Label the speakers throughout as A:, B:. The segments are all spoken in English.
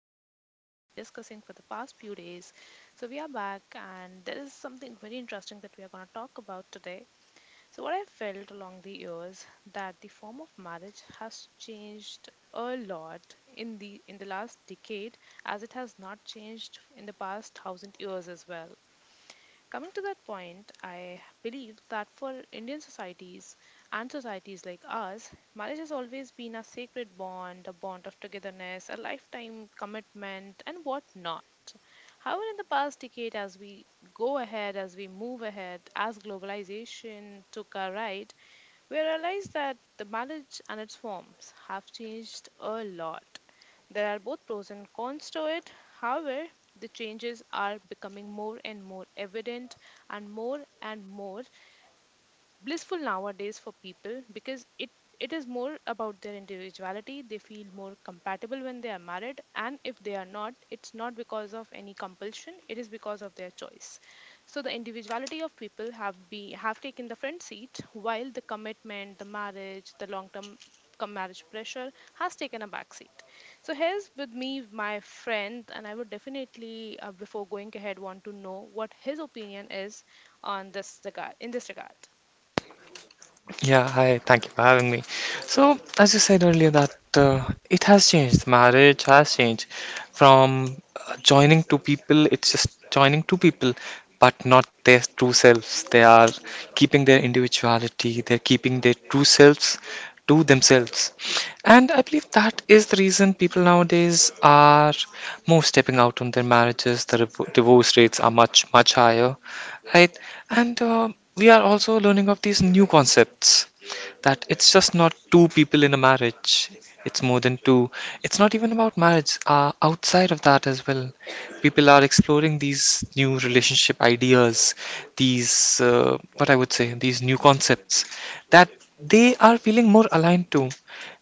A: topics that we have been discussing for the past few days. So, we are back, and there is something very interesting that we are going to talk about today. So, what I felt along the years that the form of marriage has changed a lot in the last decade as it has not changed in the past thousand years as well. Coming to that point, I believe that for Indian societies and societies like ours, marriage has always been a sacred bond, a bond of togetherness, a lifetime commitment, and whatnot. However, in the past decade, as we go ahead, as we move ahead, as globalization took a ride, we realize that the marriage and its forms have changed a lot. There are both pros and cons to it. However, the changes are becoming more and more evident and more blissful nowadays for people because it is more about their individuality. They feel more compatible when they are married, and if they are not, it's not because of any compulsion, it is because of their choice. So the individuality of people have be have taken the front seat, while the commitment, the marriage, the long term marriage pressure has taken a back seat. So here's with me my friend, and I would definitely before going ahead want to know what his opinion is on this regard in this regard.
B: Yeah, hi, thank you for having me. So, as you said earlier, that it has changed. Marriage has changed from joining two people, it's just joining two people, but not their true selves. They are keeping their individuality, they're keeping their true selves to themselves. And I believe that is the reason people nowadays are more stepping out on their marriages. The divorce rates are much, much higher, right? And we are also learning of these new concepts that it's just not two people in a marriage, it's more than two. It's not even about marriage, outside of that as well. People are exploring these new relationship ideas, these, what I would say, these new concepts that they are feeling more aligned to,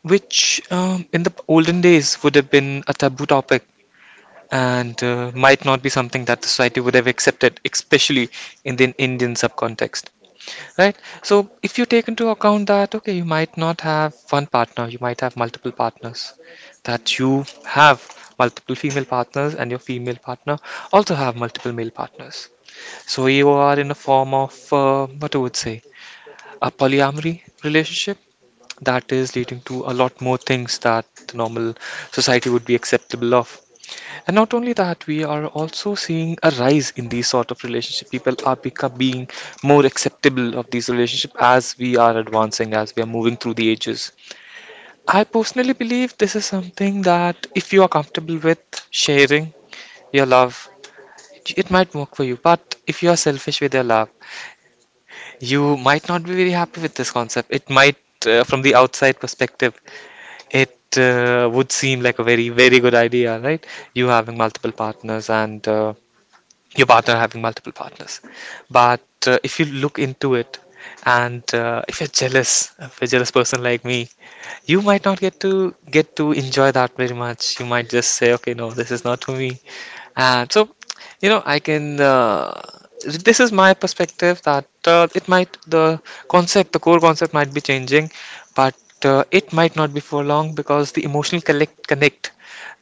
B: which in the olden days would have been a taboo topic and might not be something that the society would have accepted, especially in the Indian subcontext, right? So if you take into account that, okay, you might not have one partner, you might have multiple partners, that you have multiple female partners and your female partner also have multiple male partners. So you are in a form of, what I would say, a polyamory relationship that is leading to a lot more things that the normal society would be acceptable of, and not only that, we are also seeing a rise in these sort of relationship. People are becoming more acceptable of these relationship as we are advancing, as we are moving through the ages. I personally believe this is something that if you are comfortable with sharing your love, it might work for you. But if you are selfish with your love, you might not be very happy with this concept. It might, from the outside perspective, it would seem like a very, very good idea, right? You having multiple partners and your partner having multiple partners. But if you look into it, and if you're jealous, if you're a jealous person like me, you might not get to enjoy that very much. You might just say, "Okay, no, this is not for me." And so, I can. This is my perspective that it might, the concept, the core concept might be changing, but it might not be for long because the emotional connect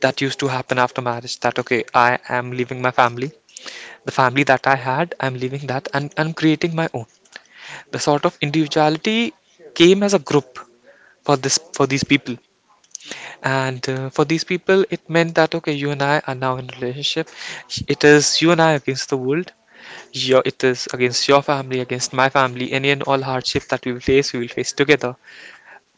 B: that used to happen after marriage. That okay, I am leaving my family, the family that I had, I'm leaving that and I'm creating my own. The sort of individuality came as a group for these people, and for these people, it meant that okay, you and I are now in a relationship. It is you and I against the world. Your, it is against your family, against my family. Any and all hardship that we will face together.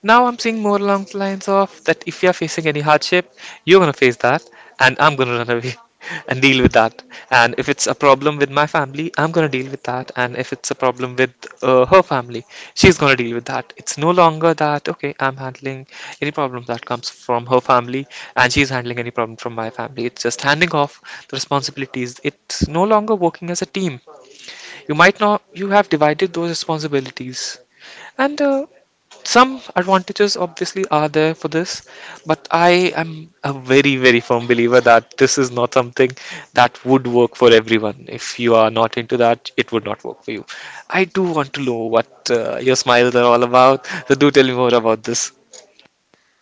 B: Now I'm seeing more along the lines of that if you're facing any hardship, you're gonna face that, and I'm gonna run away and deal with that. And if it's a problem with my family, I'm gonna deal with that. And if it's a problem with her family, she's gonna deal with that. It's no longer that, okay, I'm handling any problem that comes from her family, and she's handling any problem from my family. It's just handing off the responsibilities. It's no longer working as a team. You might not, you have divided those responsibilities. And some advantages obviously are there for this, but I am a very, very firm believer that this is not something that would work for everyone. If you are not into that, it would not work for you. I do want to know what your smiles are all about, so do tell me more about this.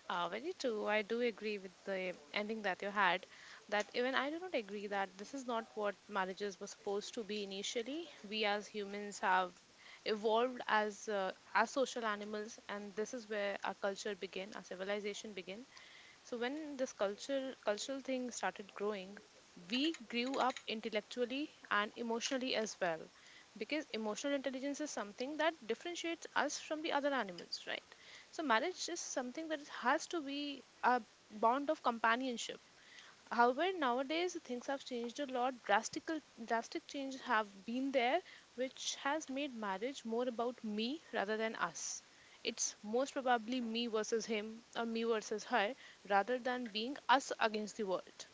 A: Very true. I do agree with the ending that you had. That even I do not agree that this is not what marriages were supposed to be initially. We as humans have evolved as social animals, and this is where our culture began, our civilization began. So when this culture cultural thing started growing, we grew up intellectually and emotionally as well, because emotional intelligence is something that differentiates us from the other animals, right? So marriage is something that has to be a bond of companionship. However, nowadays things have changed a lot. Drastic changes have been there, which has made marriage more about me rather than us. It's most probably me versus him or me versus her rather than being us against the world.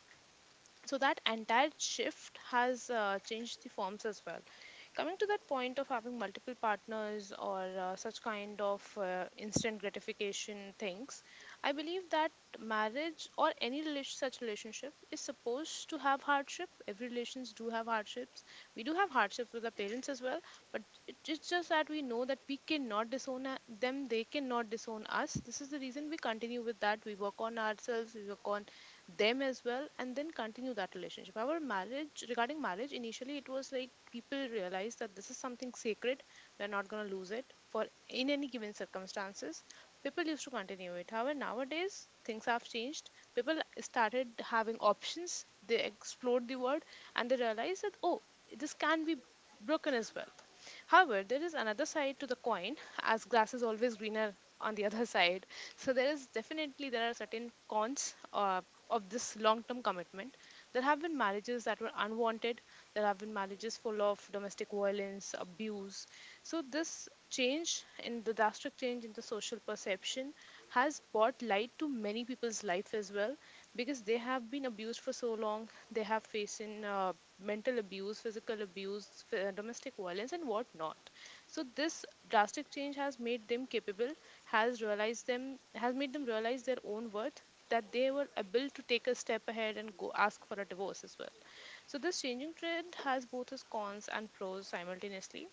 A: So that entire shift has changed the forms as well. Coming to that point of having multiple partners or such kind of instant gratification things, I believe that marriage or any relation, such relationship is supposed to have hardship. Every relations do have hardships. We do have hardships with our parents as well, but it's just that we know that we cannot them, they cannot disown us. This is the reason we continue with that. We work on ourselves, we work on them as well, and then continue that relationship. However, marriage regarding marriage, initially it was like people realized that this is something sacred, we're not going to lose it for in any given circumstances. People used to continue it. However, nowadays things have changed. People started having options, they explored the world, and they realized that, oh, this can be broken as well. However, there is another side to the coin, as grass is always greener on the other side. So there is definitely there are certain cons of this long-term commitment. There have been marriages that were unwanted. There have been marriages full of domestic violence, abuse. So this change in the drastic change in the social perception has brought light to many people's life as well, because they have been abused for so long. They have facing mental abuse, physical abuse, domestic violence, and whatnot. So this drastic change has made them capable, has realized them, has made them realize their own worth, that they were able to take a step ahead and go ask for a divorce as well. So this changing trend has both its cons and pros simultaneously.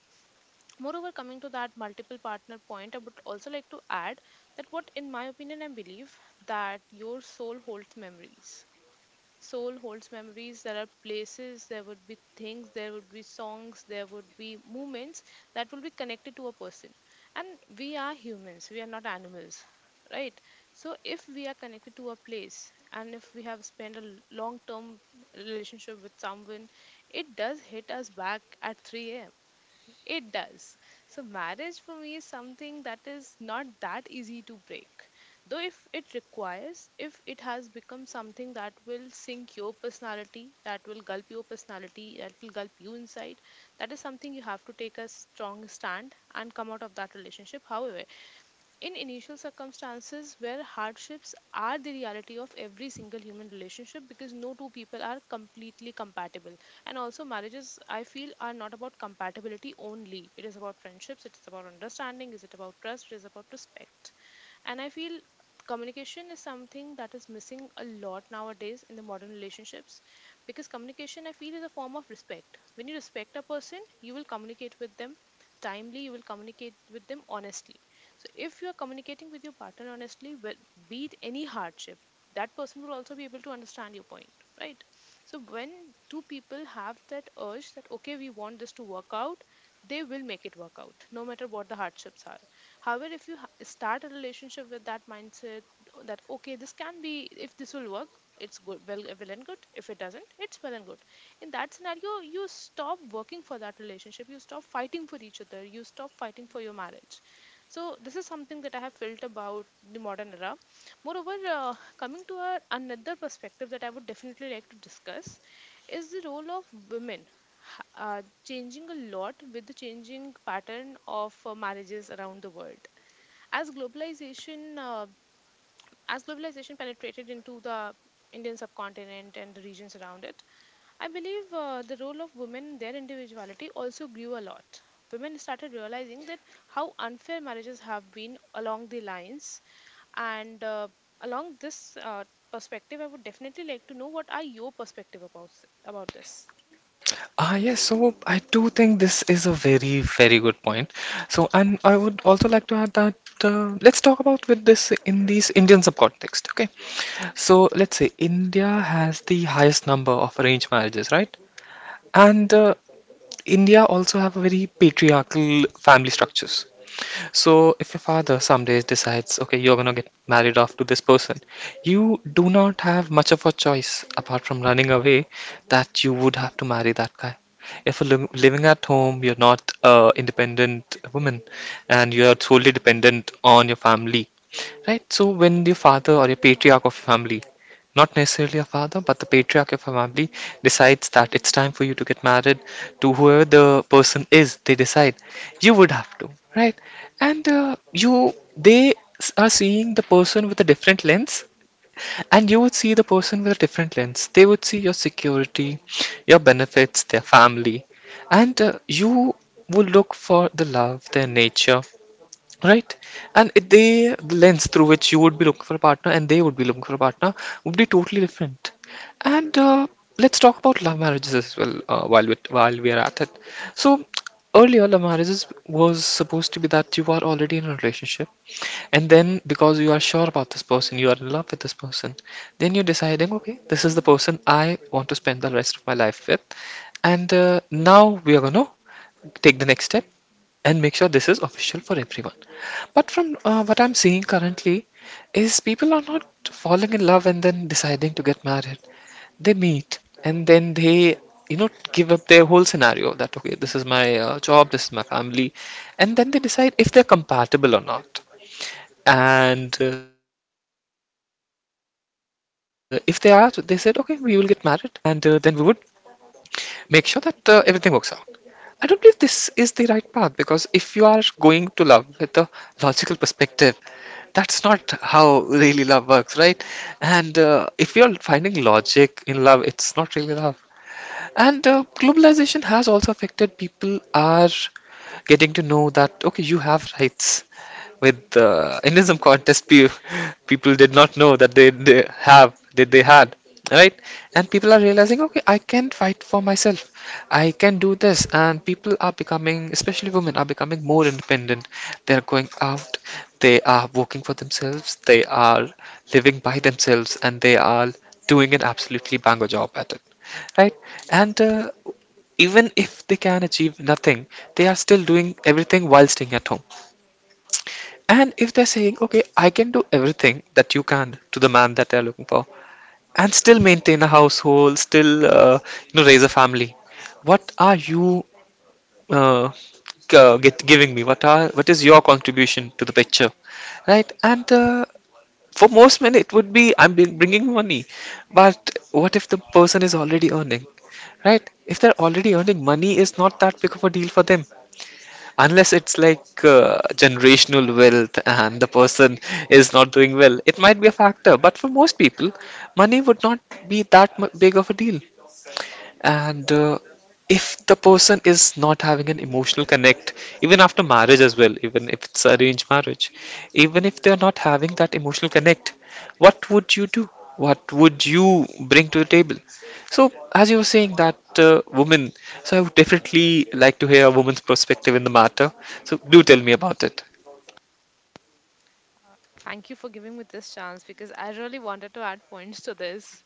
A: Moreover, coming to that multiple partner point, I would also like to add that what, in my opinion, I believe that your soul holds memories. There are places, there would be things, there would be songs, there would be moments that will be connected to a person. And we are humans, we are not animals, right? So if we are connected to a place and if we have spent a long term relationship with someone, it does hit us back at 3 a.m. It does. So, marriage for me is something that is not that easy to break. Though, if it requires, if it has become something that will sink your personality, that will gulp your personality, that will gulp you inside, that is something you have to take a strong stand and come out of that relationship. However, in initial circumstances where hardships are the reality of every single human relationship, because no two people are completely compatible. And also, marriages, I feel, are not about compatibility only. It is about friendships, it is about understanding, is it about trust, it is about respect. And I feel communication is something that is missing a lot nowadays in the modern relationships, because communication, I feel, is a form of respect. When you respect a person, you will communicate with them timely, you will communicate with them honestly. So if you're communicating with your partner honestly, well, be it any hardship, that person will also be able to understand your point, right? So when two people have that urge that, okay, we want this to work out, they will make it work out, no matter what the hardships are. However, if you start a relationship with that mindset that, okay, this can be if this will work, it's good, well and good. If it doesn't, it's well and good. In that scenario, you stop working for that relationship. You stop fighting for each other. You stop fighting for your marriage. So this is something that I have felt about the modern era. Moreover, coming to our another perspective that I would definitely like to discuss is the role of women changing a lot with the changing pattern of marriages around the world. As globalization uh, as globalization penetrated into the Indian subcontinent and the regions around it, I believe the role of women, their individuality also grew a lot. Women started realizing that how unfair marriages have been along the lines, and along this perspective, I would definitely like to know what are your perspective about this.
B: Ah, yes, so I do think this is a very, very good point. So, and I would also like to add that let's talk about with this in these Indian subcontext. Okay, so let's say India has the highest number of arranged marriages, right? And India also have a very patriarchal family structures. So, if your father some days decides, okay, you're gonna get married off to this person, you do not have much of a choice apart from running away, that you would have to marry that guy. If you're living at home, you're not a independent woman and you are solely dependent on your family, right? So, when your father or your patriarch of your family, not necessarily a father, but the patriarch of a family, decides that it's time for you to get married to whoever the person is, they decide you would have to, right? And they are seeing the person with a different lens, and you would see the person with a different lens. They would see your security, your benefits, their family, and you would look for the love, their nature. Right? The lens through which you would be looking for a partner and they would be looking for a partner would be totally different. And let's talk about love marriages as well while we are at it. So earlier, love marriages was supposed to be that you are already in a relationship, and then because you are sure about this person, you are in love with this person, then you're deciding, okay, this is the person I want to spend the rest of my life with, and now we are gonna take the next step and make sure this is official for everyone. But from what I'm seeing currently, is people are not falling in love and then deciding to get married. They meet and then they, give up their whole scenario that, okay, this is my job, this is my family. And then they decide if they're compatible or not. And if they are, they said, okay, we will get married and then we would make sure that everything works out. I don't believe this is the right path because if you are going to love with a logical perspective, that's not how really love works, right? And if you're finding logic in love, it's not really love. And globalization has also affected, people are getting to know that okay, you have rights. With the Indianism contest, people did not know that they have that they had right, and people are realizing okay, I can fight for myself, I can do this, and people are becoming, especially women are becoming more independent. They are going out, they are working for themselves, they are living by themselves, and they are doing an absolutely banger job at it, right? And even if they can achieve nothing, they are still doing everything while staying at home, and if they're saying, okay, I can do everything that you can to the man that they're looking for, and still maintain a household, still raise a family, what are you uh, giving me? What are what is your contribution to the picture, right? And for most men, it would be I'm bringing money, but what if the person is already earning, right? If they're already earning, money is not that big of a deal for them unless it's like generational wealth and the person is not doing well, it might be a factor, but for most people money would not be that big of a deal. And if the person is not having an emotional connect even after marriage as well, even if it's arranged marriage, even if they're not having that emotional connect, what would you do, what would you bring to the table? So as you were saying that woman, so I would definitely like to hear a woman's perspective in the matter, so do tell me about it.
A: Thank you for giving me this chance because I really wanted to add points to this.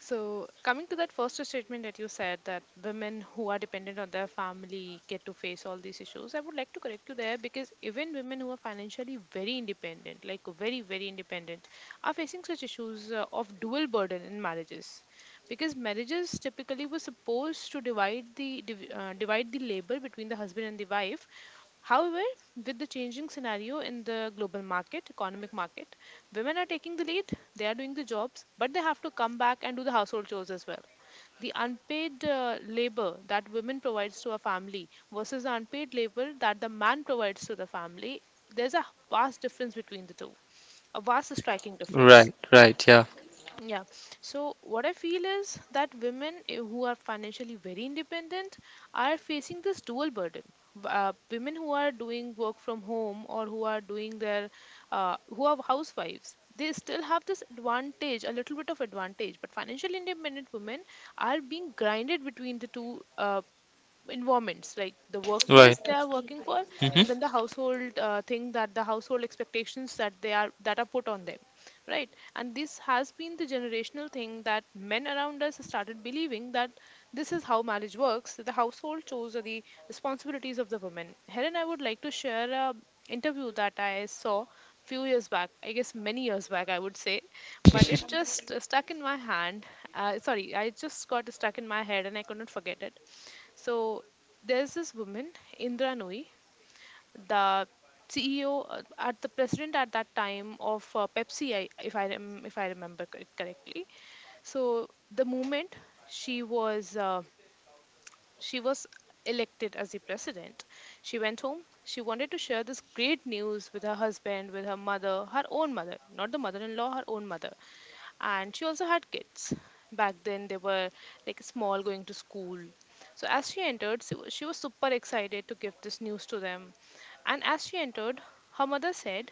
A: So, coming to that first statement that you said, that women who are dependent on their family get to face all these issues, I would like to correct you there, because even women who are financially very independent, like very, very independent, are facing such issues of dual burden in marriages, because marriages typically were supposed to divide the divide the labor between the husband and the wife. However, with the changing scenario in the global market economic market, women are taking the lead. They are doing the jobs, but they have to come back and do the household chores as well. The unpaid labor that women provides to a family versus the unpaid labor that the man provides to the family, there's a vast difference between the two, a vast striking difference.
B: Right, right, yeah.
A: Yeah. So, what I feel is that women who are financially very independent are facing this dual burden. Women who are doing work from home or who are doing their, who are housewives, they still have this advantage, a little bit of advantage. But financially independent women are being grinded between the two environments, like the workplace
B: Right.
A: they are working for, and
B: Hmm.
A: then the household thing that the household expectations that are put on them, right? And this has been the generational thing that men around us started believing, that this is how marriage works, that the household chores are the responsibilities of the women. Helen, I would like to share a interview that I saw few years back, I guess many years back I would say, but it just stuck in my hand sorry I just got stuck in my head and I could not forget it. So there's this woman, Indra Nui, the CEO, at the president at that time of Pepsi, I, if I remember it correctly. So the moment she was she was elected as the president, she went home. She wanted to share this great news with her husband, with her mother, her own mother, not the mother-in-law, her own mother, and she also had kids. Back then they were like small, going to school. So as she entered, she was super excited to give this news to them. And as she entered, her mother said,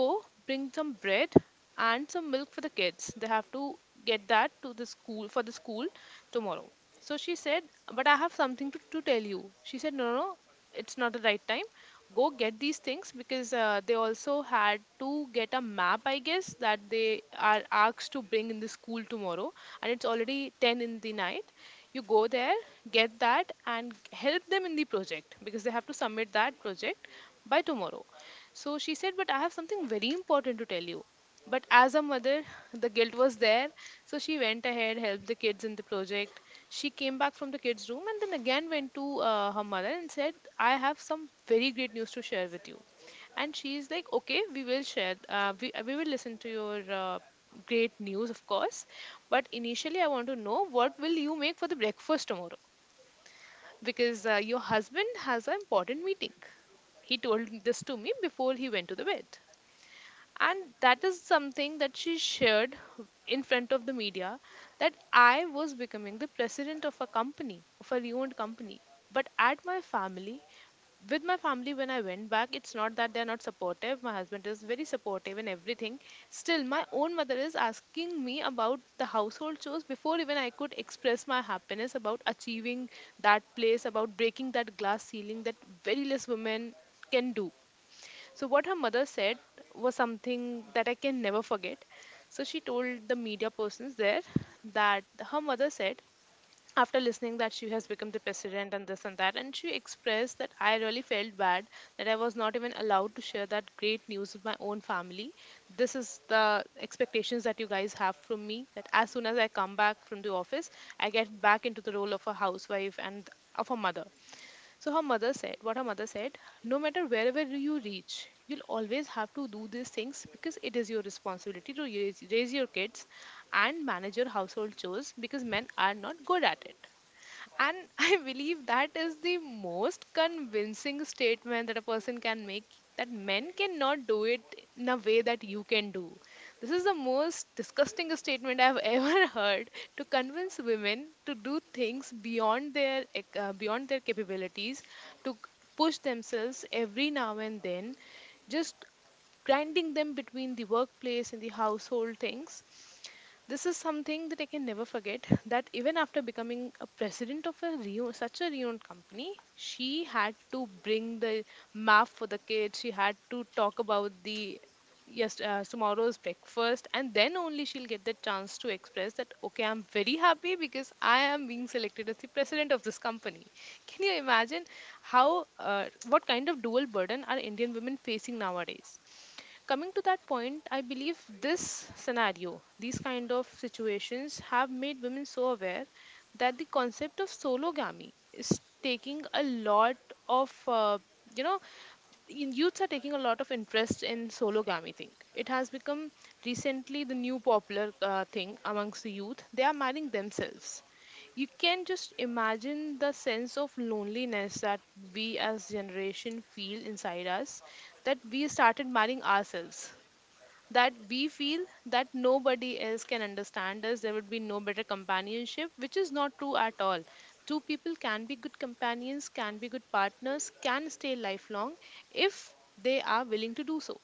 A: go bring some bread and some milk for the kids. They have to get that to the school, for the school tomorrow. So she said, but I have something to tell you. She said, no, no, no, it's not the right time. Go get these things, because they also had to get a map, I guess, that they are asked to bring in the school tomorrow, and it's already 10 in the night. You go there, get that, and help them in the project, because they have to submit that project by tomorrow. So she said, but I have something very important to tell you. But as a mother, the guilt was there. So she went ahead, helped the kids in the project. She came back from the kids' room, and then again went to her mother and said, I have some very great news to share with you. And she's like, okay, we will share. We will listen to your great news, of course. But initially, I want to know, what will you make for the breakfast tomorrow? Because your husband has an important meeting. He told this to me before he went to the bed. And that is something that she shared in front of the media, that I was becoming the president of a company, of a reowned company, but at my family, with my family, when I went back, it's not that they're not supportive. My husband is very supportive and everything, still my own mother is asking me about the household chores before even I could express my happiness about achieving that place, about breaking that glass ceiling that very less women can do. So what her mother said was something that I can never forget. So she told the media persons there that her mother said, after listening that she has become the president and this and that, and she expressed that I really felt bad that I was not even allowed to share that great news with my own family. This is the expectations that you guys have from me, that as soon as I come back from the office, I get back into the role of a housewife and of a mother. So her mother said, what her mother said, no matter wherever you reach, you'll always have to do these things, because it is your responsibility to raise your kids and manage your household chores, because men are not good at it. And I believe that is the most convincing statement that a person can make, that men cannot do it in a way that you can do. This is the most disgusting statement I've ever heard, to convince women to do things beyond their beyond their capabilities, to push themselves every now and then, just grinding them between the workplace and the household things. This is something that I can never forget, that even after becoming a president of a such a renowned company, she had to bring the map for the kids. She had to talk about the yes tomorrow's breakfast, and then only she'll get the chance to express that, okay, I'm very happy because I am being selected as the president of this company. Can you imagine how, what kind of dual burden are Indian women facing nowadays? Coming to that point, I believe this scenario, these kind of situations have made women so aware that the concept of sologamy is taking a lot of you know youths are taking a lot of interest in sologamy thing. It has become recently the new popular thing amongst the youth. They are marrying themselves. You can just imagine the sense of loneliness that we as generation feel inside us, that we started marrying ourselves, that we feel that nobody else can understand us, there would be no better companionship, which is not true at all. Two people can be good companions, can be good partners, can stay lifelong if they are willing to do so.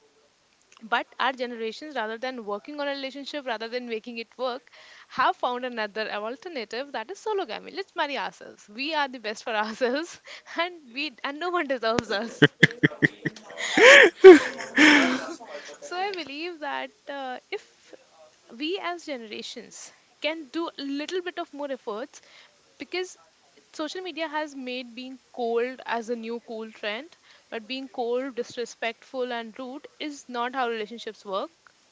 A: But our generations, rather than working on a relationship, rather than making it work, have found another alternative, that is sologamy. Let's marry ourselves, we are the best for ourselves and we, and no one deserves us. So, so I believe that if we as generations can do a little bit of more efforts, because social media has made being cold as a new cool trend, but being cold, disrespectful, and rude is not how relationships work.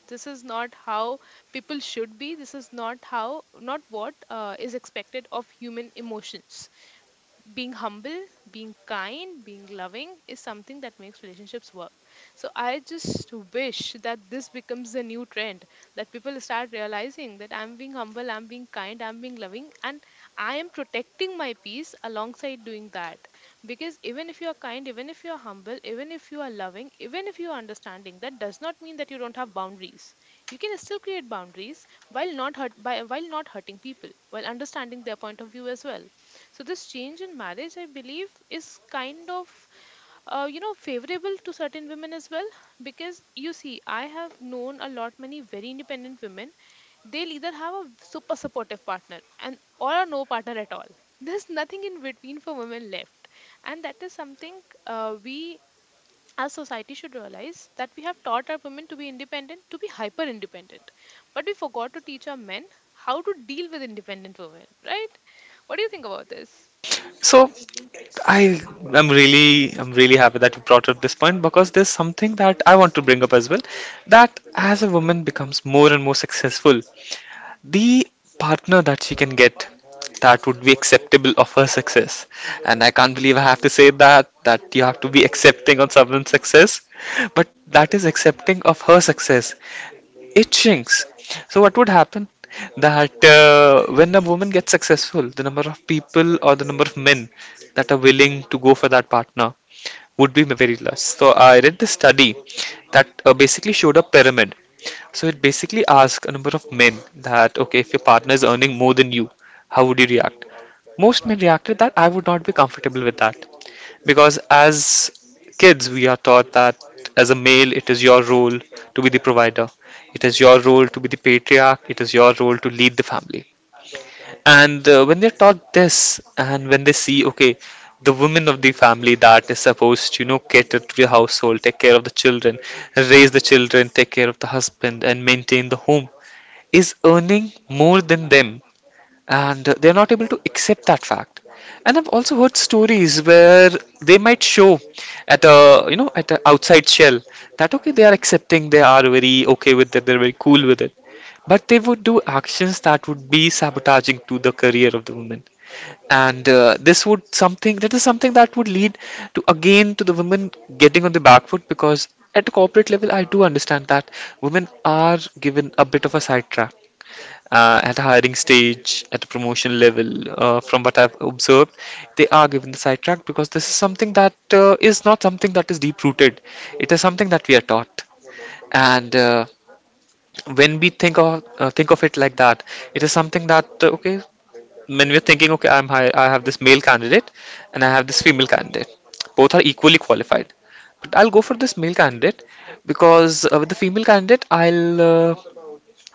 A: This is not how people should be. This is not how, not what is expected of human emotions. Being humble, being kind, being loving is something that makes relationships work. So I just wish that this becomes a new trend, that people start realizing that I'm being humble, I'm being kind, I'm being loving, and I am protecting my peace alongside doing that. Because even if you are kind, even if you are humble, even if you are loving, even if you are understanding, that does not mean that you don't have boundaries. You can still create boundaries while not hurt by while not hurting people, while understanding their point of view as well. So this change in marriage, I believe, is kind of favorable to certain women as well, because you see, I have known a lot many very independent women. They'll either have a super supportive partner, and or a no partner at all. There's nothing in between for women left. And that is something we as society should realize, that we have taught our women to be independent, to be hyper independent. But we forgot to teach our men how to deal with independent women, right? What do you think about this?
B: So I, I'm really, I'm really happy that you brought up this point because there's something that I want to bring up as well, that as a woman becomes more and more successful, the partner that she can get that would be acceptable of her success, and I can't believe I have to say that, that you have to be accepting of someone's success, but that is accepting of her success, it shrinks. So what would happen? That when a woman gets successful, the number of people or the number of men that are willing to go for that partner would be very less. So I read this study that basically showed a pyramid. So it basically asked a number of men that okay, if your partner is earning more than you, how would you react? Most men reacted that I would not be comfortable with that. Because as kids, we are taught that as a male, it is your role to be the provider, it is your role to be the patriarch, it is your role to lead the family. And When they're taught this, and when they see, okay, the woman of the family that is supposed to, cater to the household, take care of the children, raise the children, take care of the husband, and maintain the home, is earning more than them, and they're not able to accept that fact. And I've also heard stories where they might show at a, at an outside shell, that okay, they are accepting, they are very okay with it, they're very cool with it, but they would do actions that would be sabotaging to the career of the woman. And uh, this would something that is something that would lead to, again, to the women getting on the back foot, because at the corporate level, I do understand that women are given a bit of a sidetrack, at hiring stage, at promotion level, from what I've observed, they are given the sidetrack, because this is something that is not something that is deep rooted. It is something that we are taught, and when we think of it like that, it is something that okay, when we're thinking okay, I'm high, I have this male candidate, and I have this female candidate. Both are equally qualified. But I'll go for this male candidate, because with the female candidate, I'll uh,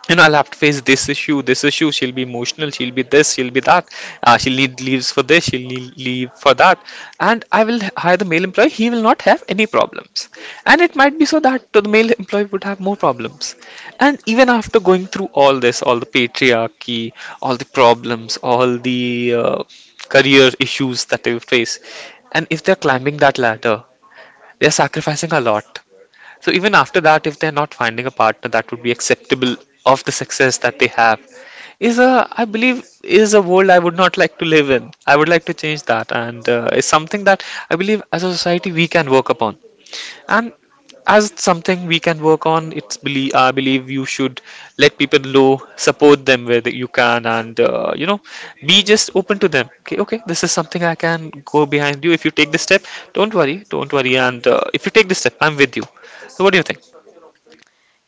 B: you know, I'll have to face this issue, this issue. She'll be emotional. She'll be this. She'll be that. She'll need leaves for this. She'll need leave for that. And I will hire the male employee. He will not have any problems. And it might be so that the male employee would have more problems. And even after going through all this, all the patriarchy, all the problems, all the career issues that they will face, and if they're climbing that ladder, they're sacrificing a lot. So even after that, if they're not finding a partner that would be acceptable of the success that they have, is a, I believe, is a world I would not like to live in. I would like to change that, and it's something that I believe as a society we can work upon. And as it's something we can work on, it's believe I believe you should let people know, support them where that you can, and, be just open to them. Okay, okay, this is something I can go behind you if you take this step. Don't worry, don't worry, and if you take this step, I'm with you. So what do you think?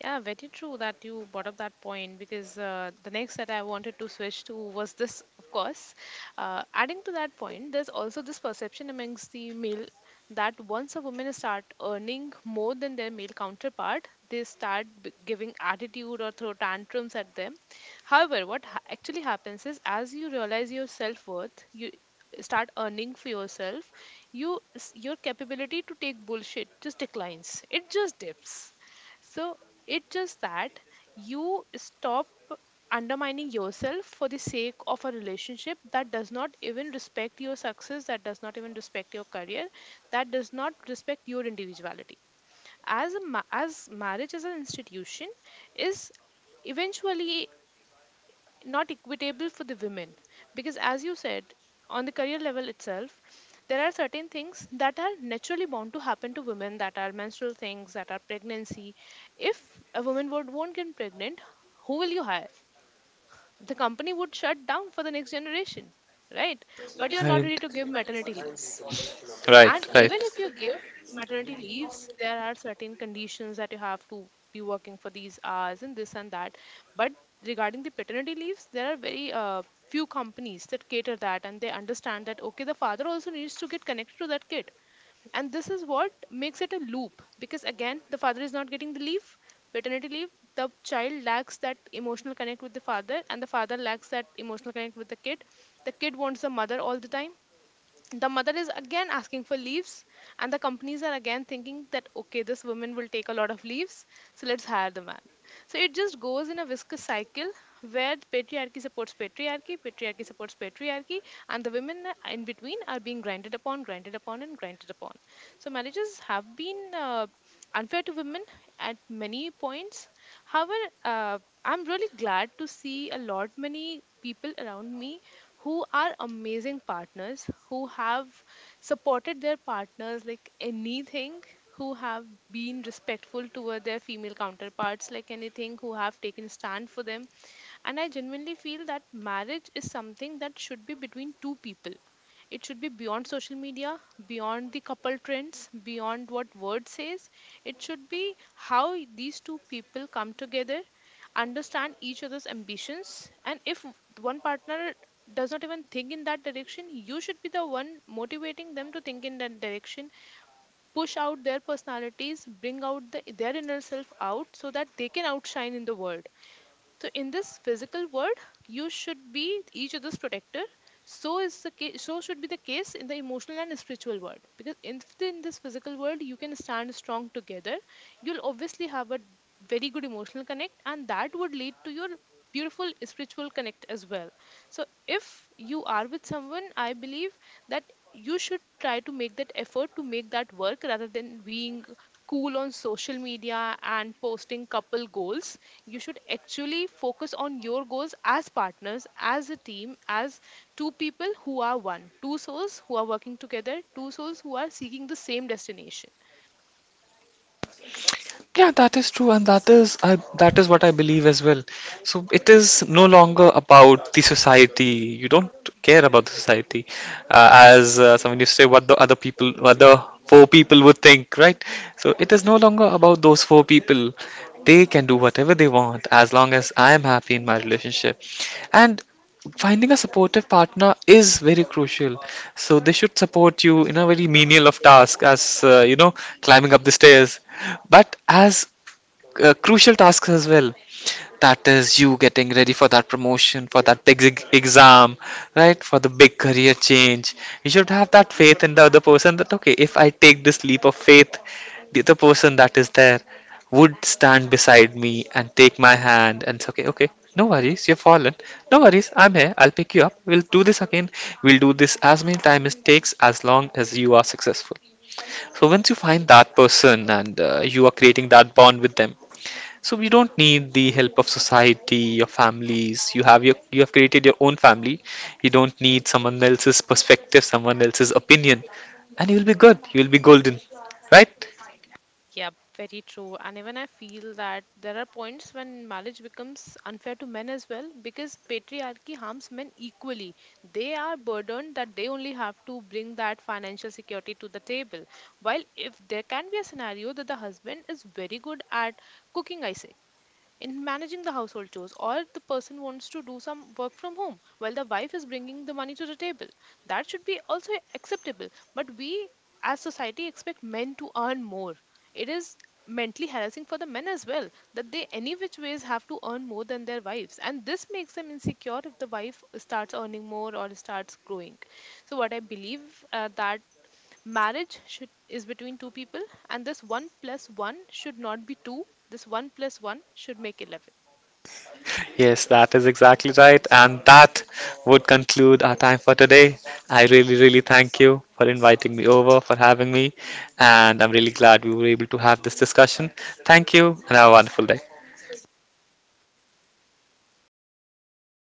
A: Yeah, very true that you brought up that point, because the next that I wanted to switch to was this, of course. Adding to that point, there's also this perception amongst the male that once a woman start earning more than their male counterpart, they start giving attitude or throw tantrums at them. However, what actually happens is, as you realize your self worth, you start earning for yourself, you your capability to take bullshit just declines. It just dips. So it's just that you stop undermining yourself for the sake of a relationship that does not even respect your success, that does not even respect your career, that does not respect your individuality. As marriage as an institution is eventually not equitable for the women, because as you said, on the career level itself, there are certain things that are naturally bound to happen to women, that are menstrual things, that are pregnancy. If a woman would won't get pregnant, who will you hire? The company would shut down for the next generation, right? But you're not ready
B: Right.
A: to give maternity leaves.
B: Right,
A: And
B: right.
A: even if you give maternity leaves, there are certain conditions that you have to be working for these hours and this and that. But regarding the paternity leaves, there are very few companies that cater that, and they understand that, okay, the father also needs to get connected to that kid. And this is what makes it a loop, because again the father is not getting the leave, paternity leave. The child lacks that emotional connect with the father, and the father lacks that emotional connect with the kid. The kid wants the mother all the time, the mother is again asking for leaves, and the companies are again thinking that, okay, this woman will take a lot of leaves, so let's hire the man. So it just goes in a viscous cycle, where the patriarchy supports patriarchy, patriarchy supports patriarchy, and the women in between are being grinded upon, grinded upon, and grinded upon. So marriages have been unfair to women at many points. However, uh, I'm really glad to see a lot many people around me who are amazing partners, who have supported their partners like anything, who have been respectful toward their female counterparts like anything, who have taken stand for them. And I genuinely feel that marriage is something that should be between two people. It should be beyond social media, beyond the couple trends, beyond what word says. It should be how these two people come together, understand each other's ambitions, and if one partner does not even think in that direction, you should be the one motivating them to think in that direction. Push out their personalities, bring out their inner self out so that they can outshine in the world. So in this physical world, you should be each other's protector. So is the case, so should be the case in the emotional and spiritual world. Because in this physical world, you can stand strong together. You'll obviously have a very good emotional connect, and that would lead to your beautiful spiritual connect as well. So if you are with someone, I believe that you should try to make that effort, to make that work, rather than being cool on social media and posting couple goals. You should actually focus on your goals as partners, as a team, as two people who are one, two souls who are working together, two souls who are seeking the same destination.
B: Yeah, that is true, and that is what I believe as well. So it is no longer about the society. You don't care about the society, as someone used to say, what the other people, what the four people would think, right? So it is no longer about those four people. They can do whatever they want as long as I am happy in my relationship. And finding a supportive partner is very crucial. So they should support you in a very menial of task as climbing up the stairs. But as crucial tasks as well. That is you getting ready for that promotion, for that exam, right? For the big career change. You should have that faith in the other person that, okay, if I take this leap of faith, the other person that is there would stand beside me and take my hand and say, okay, okay, no worries, you've fallen. No worries, I'm here. I'll pick you up. We'll do this again. We'll do this as many times it takes as long as you are successful. So once you find that person, and you are creating that bond with them, so you don't need the help of society, your families. You have created your own family. You don't need someone else's perspective, someone else's opinion, and you'll be good. You'll be golden, right?
A: Yep, very true. And even I feel that there are points when marriage becomes unfair to men as well, because patriarchy harms men equally. They are burdened that they only have to bring that financial security to the table. While if there can be a scenario that the husband is very good at cooking, I say, in managing the household chores, or the person wants to do some work from home while the wife is bringing the money to the table, that should be also acceptable. But we as society expect men to earn more. It is mentally harassing for the men as well, that they any which ways have to earn more than their wives, and this makes them insecure if the wife starts earning more or starts growing. So what I believe, that marriage should is between two people. And this 1 plus 1 should not be 2, this 1 plus 1 should make 11.
B: Yes, that is exactly right, and that would conclude our time for today. I really, really thank you for inviting me over, for having me, and I'm really glad we were able to have this discussion. Thank you, and have a wonderful day.